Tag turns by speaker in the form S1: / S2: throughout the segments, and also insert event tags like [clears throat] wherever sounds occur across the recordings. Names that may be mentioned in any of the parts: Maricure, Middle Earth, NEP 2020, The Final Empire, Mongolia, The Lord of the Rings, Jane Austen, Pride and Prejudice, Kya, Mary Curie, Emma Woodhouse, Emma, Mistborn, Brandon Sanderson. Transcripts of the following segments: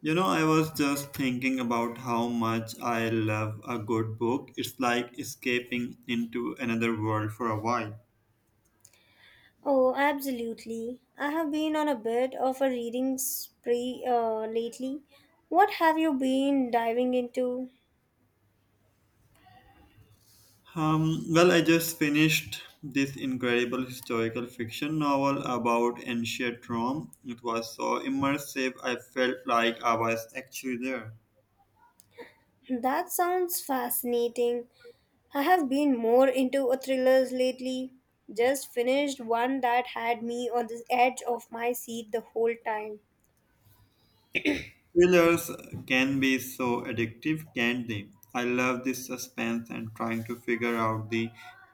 S1: You know, I was just thinking about how much I love a good book. It's like escaping into another world for a while.
S2: Oh, absolutely. I have been on a bit of a reading spree lately. What have you been diving into?
S1: I just finished this incredible historical fiction novel about ancient Rome. It was so immersive, I felt like I was actually there.
S2: That sounds fascinating. I have been more into a thrillers lately. Just finished one that had me on the edge of my seat the whole time.
S1: Thrillers can be so addictive, can't they? I love this suspense and trying to figure out the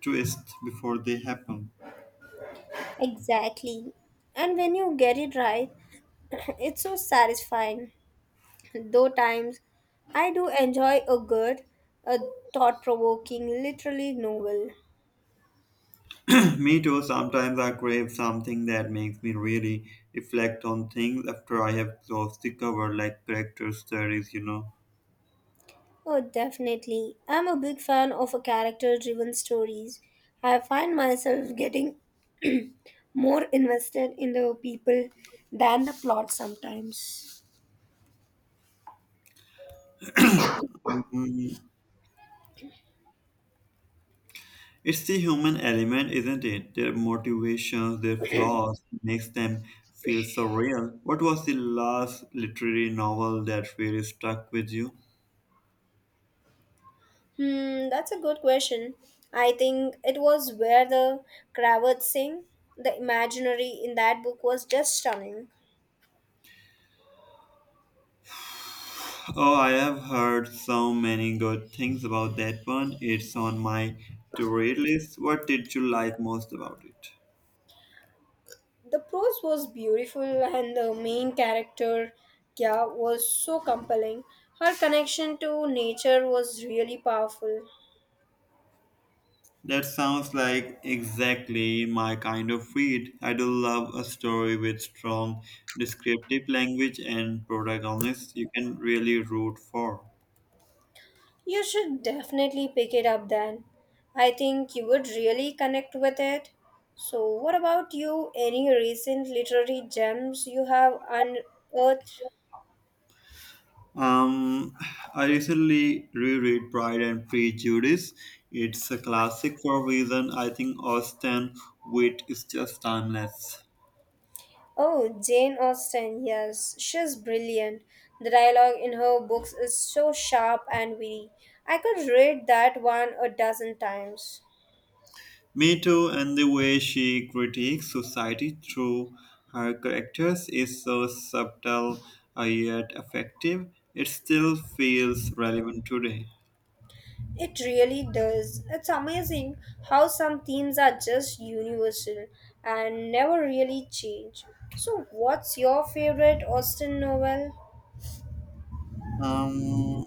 S1: twist before they happen.
S2: Exactly. And when you get it right, [laughs] [clears throat] it's so satisfying. Though times I do enjoy a good, a thought provoking, literally novel.
S1: Me too. Sometimes I crave something that makes me really reflect on things after I have closed the cover, like character studies.
S2: Oh, definitely. I'm a big fan of character driven stories. I find myself getting more invested in the people than the plot sometimes.
S1: Mm. It's the human element, isn't it? Their motivations, their flaws, makes them feel so real. What was the last literary novel that really stuck with you?
S2: Hmm, that's a good question. I think it was where the Kravats sing. The imaginary in that book was just stunning.
S1: Oh, I have heard so many good things about that one. It's on my to read list. What did you like most about it?
S2: The prose was beautiful, and the main character, Kya, was so compelling. Her connection to nature was really powerful.
S1: That sounds like exactly my kind of read. I do love a story with strong descriptive language and protagonists you can really root for.
S2: You should definitely pick it up then. I think you would really connect with it. So, what about you? Any recent literary gems you have unearthed?
S1: Um, I recently reread Pride and Prejudice. It's a classic for a reason. I think Austen wit is just timeless.
S2: Oh, Jane Austen, yes, she's brilliant. The dialogue in her books is so sharp and witty. I could read that one a dozen times.
S1: Me too, and the way she critiques society through her characters is so subtle yet effective. It still feels relevant today.
S2: It really does. It's amazing how some themes are just universal and never really change. So, what's your favorite Austen novel?
S1: Um,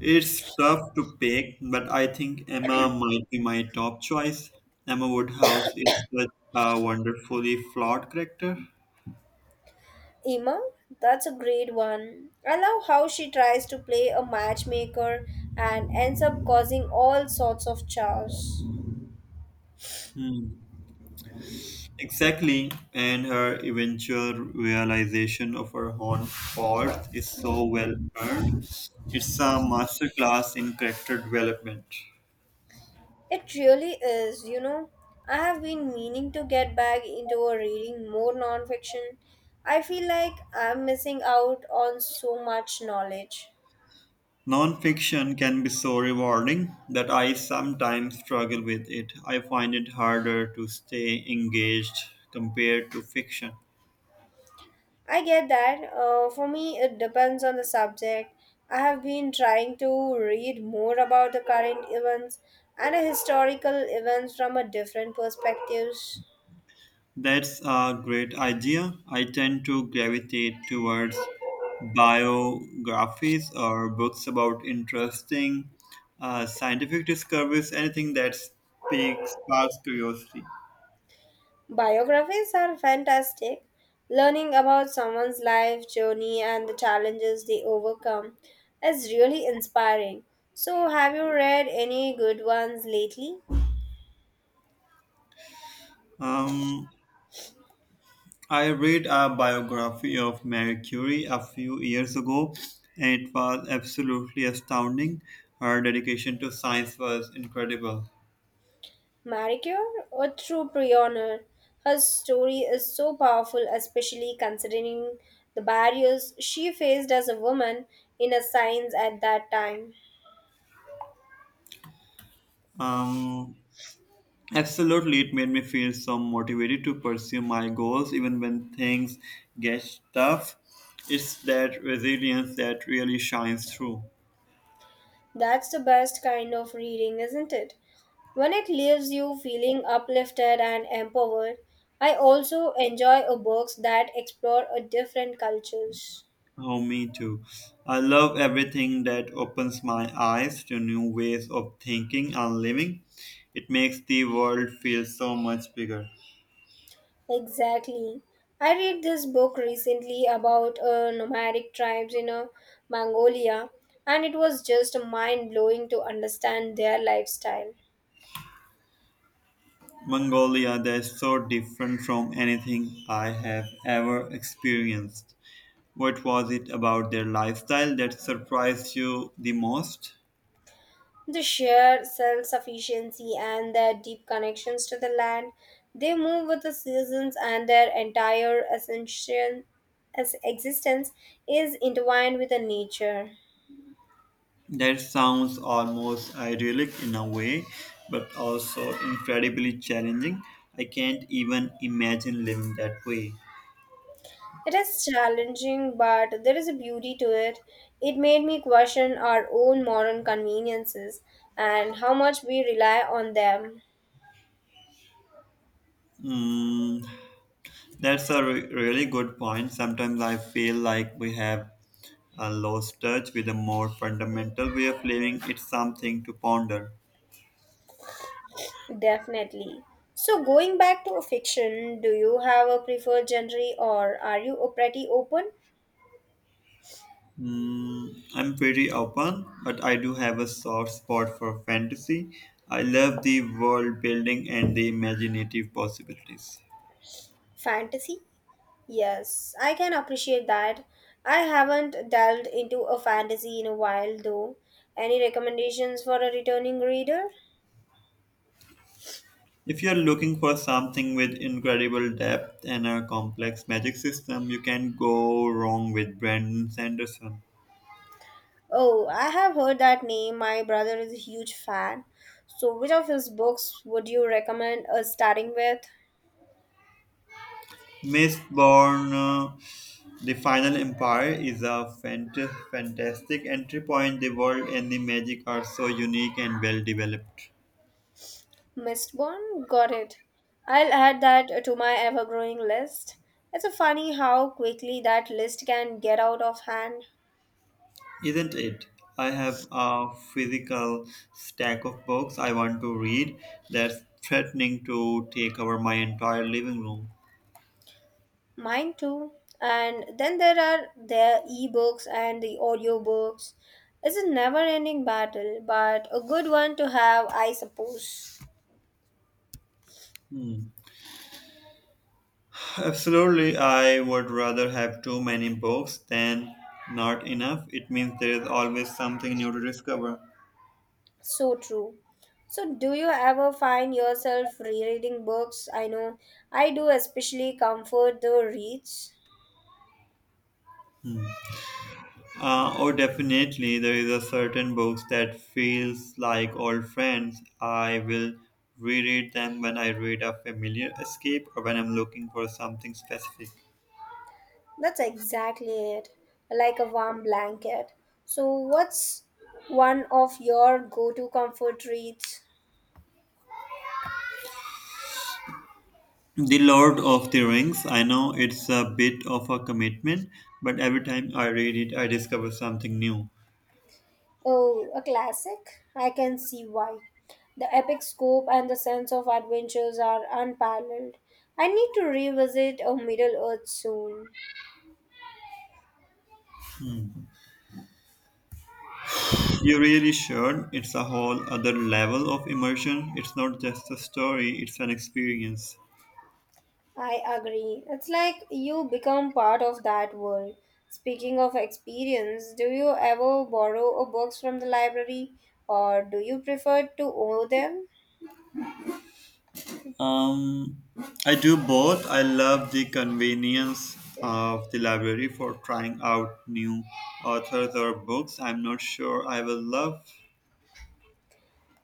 S1: it's tough to pick, but I think Emma might be my top choice. Emma Woodhouse is such a wonderfully flawed character.
S2: Emma? That's a great one. I love how she tries to play a matchmaker and ends up causing all sorts of chaos.
S1: Hmm. Exactly, and her eventual realization of her own worth is so well earned. It's a masterclass in character development.
S2: It really is, you know. I have been meaning to get back into a reading more nonfiction. I feel like I'm missing out on so much knowledge.
S1: Nonfiction can be so rewarding that I sometimes struggle with it. I find it harder to stay engaged compared to fiction.
S2: I get that. For me, it depends on the subject. I have been trying to read more about the current events and historical events from a different perspectives.
S1: That's a great idea. I tend to gravitate towards biographies or books about interesting scientific discoveries, anything that speaks, sparks curiosity.
S2: Biographies are fantastic. Learning about someone's life journey and the challenges they overcome is really inspiring. So, have you read any good ones lately?
S1: Um, I read a biography of Mary Curie a few years ago, and it was absolutely astounding. Her dedication to science was incredible.
S2: Maricure, a true pioneer, her story is so powerful, especially considering the barriers she faced as a woman in a science at that time.
S1: Um, Absolutely, it made me feel so motivated to pursue my goals even when things get tough. It's that resilience that really shines through.
S2: That's the best kind of reading, isn't it? When it leaves you feeling uplifted and empowered, I also enjoy books that explore a different cultures.
S1: Oh, me too. I love everything that opens my eyes to new ways of thinking and living. It makes the world feel so much bigger.
S2: Exactly. I read this book recently about nomadic tribes in Mongolia, and it was just mind blowing to understand their lifestyle.
S1: Mongolia, that's so different from anything I have ever experienced. What was it about their lifestyle that surprised you the most?
S2: The sheer self sufficiency and their deep connections to the land, they move with the seasons, and their entire ascension, as existence is intertwined with the nature.
S1: That sounds almost idyllic in a way, but also incredibly challenging. I can't even imagine living that way.
S2: It is challenging, but there is a beauty to it. It made me question our own modern conveniences and how much we rely on them.
S1: Mm, that's a really good point. Sometimes I feel like we have lost touch with a more fundamental way of living. It's something to ponder.
S2: Definitely. So, going back to fiction, do you have a preferred genre or are you a pretty open?
S1: Mm, I'm pretty open, but I do have a soft spot for fantasy. I love the world building and the imaginative possibilities.
S2: Fantasy? Yes, I can appreciate that. I haven't delved into a fantasy in a while though. Any recommendations for a returning reader?
S1: If you're looking for something with incredible depth and a complex magic system, you can go wrong with Brandon Sanderson.
S2: Oh, I have heard that name. My brother is a huge fan. So, which of his books would you recommend us starting with?
S1: Mistborn, The Final Empire is a fantastic entry point. The world and the magic are so unique and well developed.
S2: Mistborn? Got it. I'll add that to my ever growing list. It's a funny how quickly that list can get out of hand.
S1: Isn't it? I have a physical stack of books I want to read that's threatening to take over my entire living room.
S2: Mine too. And then there are the ebooks and the audiobooks. It's a never ending battle, but a good one to have, I suppose.
S1: Hmm. Absolutely, I would rather have too many books than not enough. It means there is always something new to discover.
S2: So true. So, do you ever find yourself rereading books? I know I do, especially comfort the reads.
S1: Oh, definitely, there is a certain books that feels like old friends. I will reread them when I read a familiar escape or when I'm looking for something specific.
S2: That's exactly it, like a warm blanket. So, what's one of your go to comfort reads?
S1: The Lord of the Rings. I know it's a bit of a commitment, but every time I read it, I discover something new.
S2: Oh, a classic? I can see why. The epic scope and the sense of adventures are unparalleled. I need to revisit a Middle Earth soon.
S1: You really should. It's a whole other level of immersion. It's not just a story, it's an experience.
S2: I agree. It's like you become part of that world. Speaking of experience, do you ever borrow a books from the library or do you prefer to own them?
S1: Um, I do both. I love the convenience of the library for trying out new authors or books. I'm not sure I will love.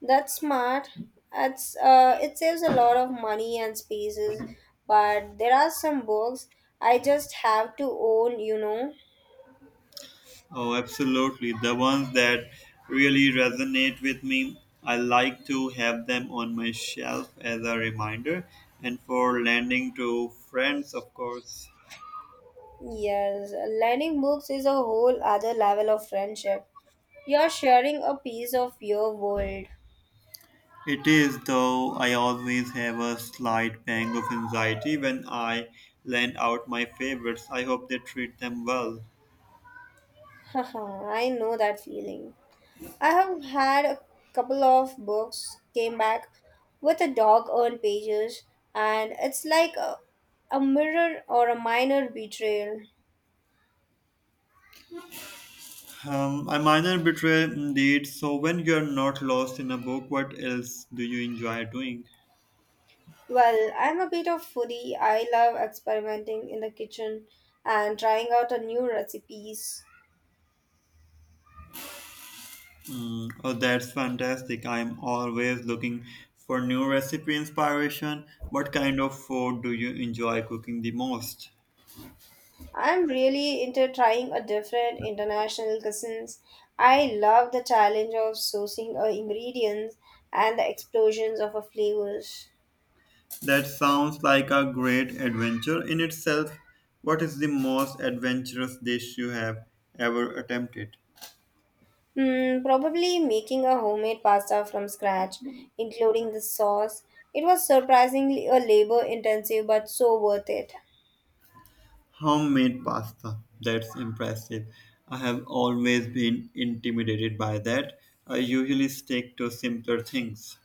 S2: That's smart. It's, it saves a lot of money and spaces, but there are some books I just have to own, you know.
S1: Oh, absolutely. The ones that really resonate with me. I like to have them on my shelf as a reminder and for lending to friends, of course.
S2: Yes, lending books is a whole other level of friendship. You're sharing a piece of your world.
S1: It is, though I always have a slight pang of anxiety when I lend out my favorites. I hope they treat them well.
S2: [laughs] Haha, I know that feeling. I have had a couple of books came back with a dog earned pages, and it's like a mirror or a minor betrayal.
S1: A minor betrayal indeed. So when you're not lost in a book, what else do you enjoy doing?
S2: Well, I'm a bit of foodie. I love experimenting in the kitchen and trying out a new recipes.
S1: Mm. Oh, that's fantastic. I'm always looking for new recipe inspiration. What kind of food do you enjoy cooking the most?
S2: I'm really into trying a different international cuisines. I love the challenge of sourcing ingredients and the explosions of a flavors.
S1: That sounds like a great adventure in itself. What is the most adventurous dish you have ever attempted?
S2: Hmm, probably making a homemade pasta from scratch, including the sauce. It was surprisingly a labor intensive but so worth it.
S1: Homemade pasta. That's impressive. I have always been intimidated by that. I usually stick to simpler things.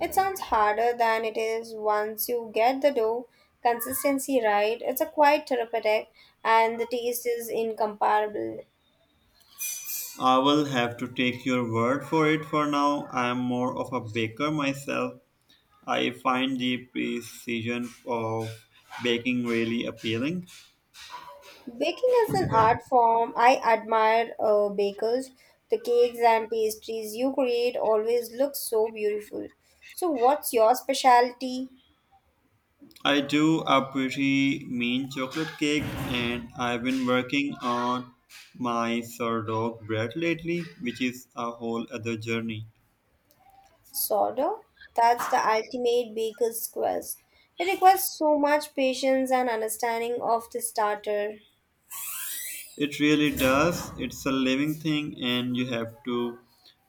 S2: It sounds harder than it is once you get the dough consistency right. It's a quite therapeutic and the taste is incomparable.
S1: I will have to take your word for it for now. I am more of a baker myself. I find the precision of baking really appealing.
S2: Baking is an art form. I admire bakers. The cakes and pastries you create always look so beautiful. So, what's your specialty?
S1: I do a pretty mean chocolate cake, and I've been working on my sourdough bread lately, which is a whole other journey.
S2: Soda? That's the ultimate baker's quest. It requires so much patience and understanding of the starter.
S1: It really does. It's a living thing, and you have to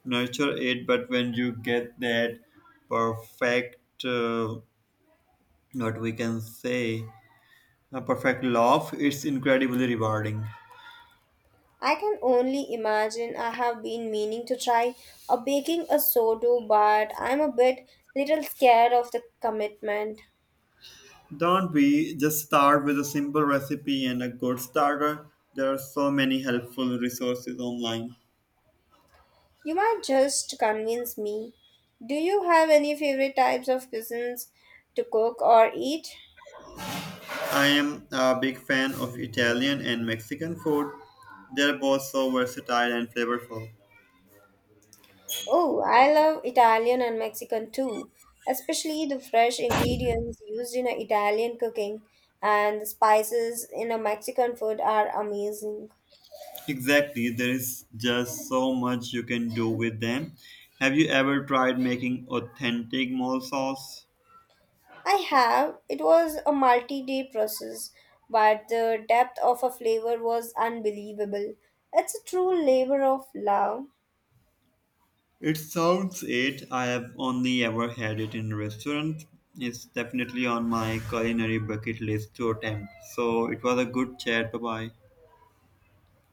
S1: nurture it. But when you get that perfect, what we can say, a perfect loaf, it's incredibly rewarding.
S2: I can only imagine I have been meaning to try a baking a sourdough, but I'm a bit little scared of the commitment.
S1: Don't be. Just start with a simple recipe and a good starter? There are so many helpful resources online.
S2: You might just convince me. Do you have any favorite types of cuisines to cook or eat?
S1: I am a big fan of Italian and Mexican food. They're both so versatile and flavorful.
S2: Oh, I love Italian and Mexican too, especially the fresh ingredients used in a Italian cooking and the spices in a Mexican food are amazing.
S1: Exactly, there is just so much you can do with them. Have you ever tried making authentic mole sauce?
S2: I have. It was a multi-day process, but the depth of a flavor was unbelievable. It's a true labor of love.
S1: It sounds it. I have only ever had it in restaurants. It's definitely on my culinary bucket list to attempt. So it was a good chat. Bye bye.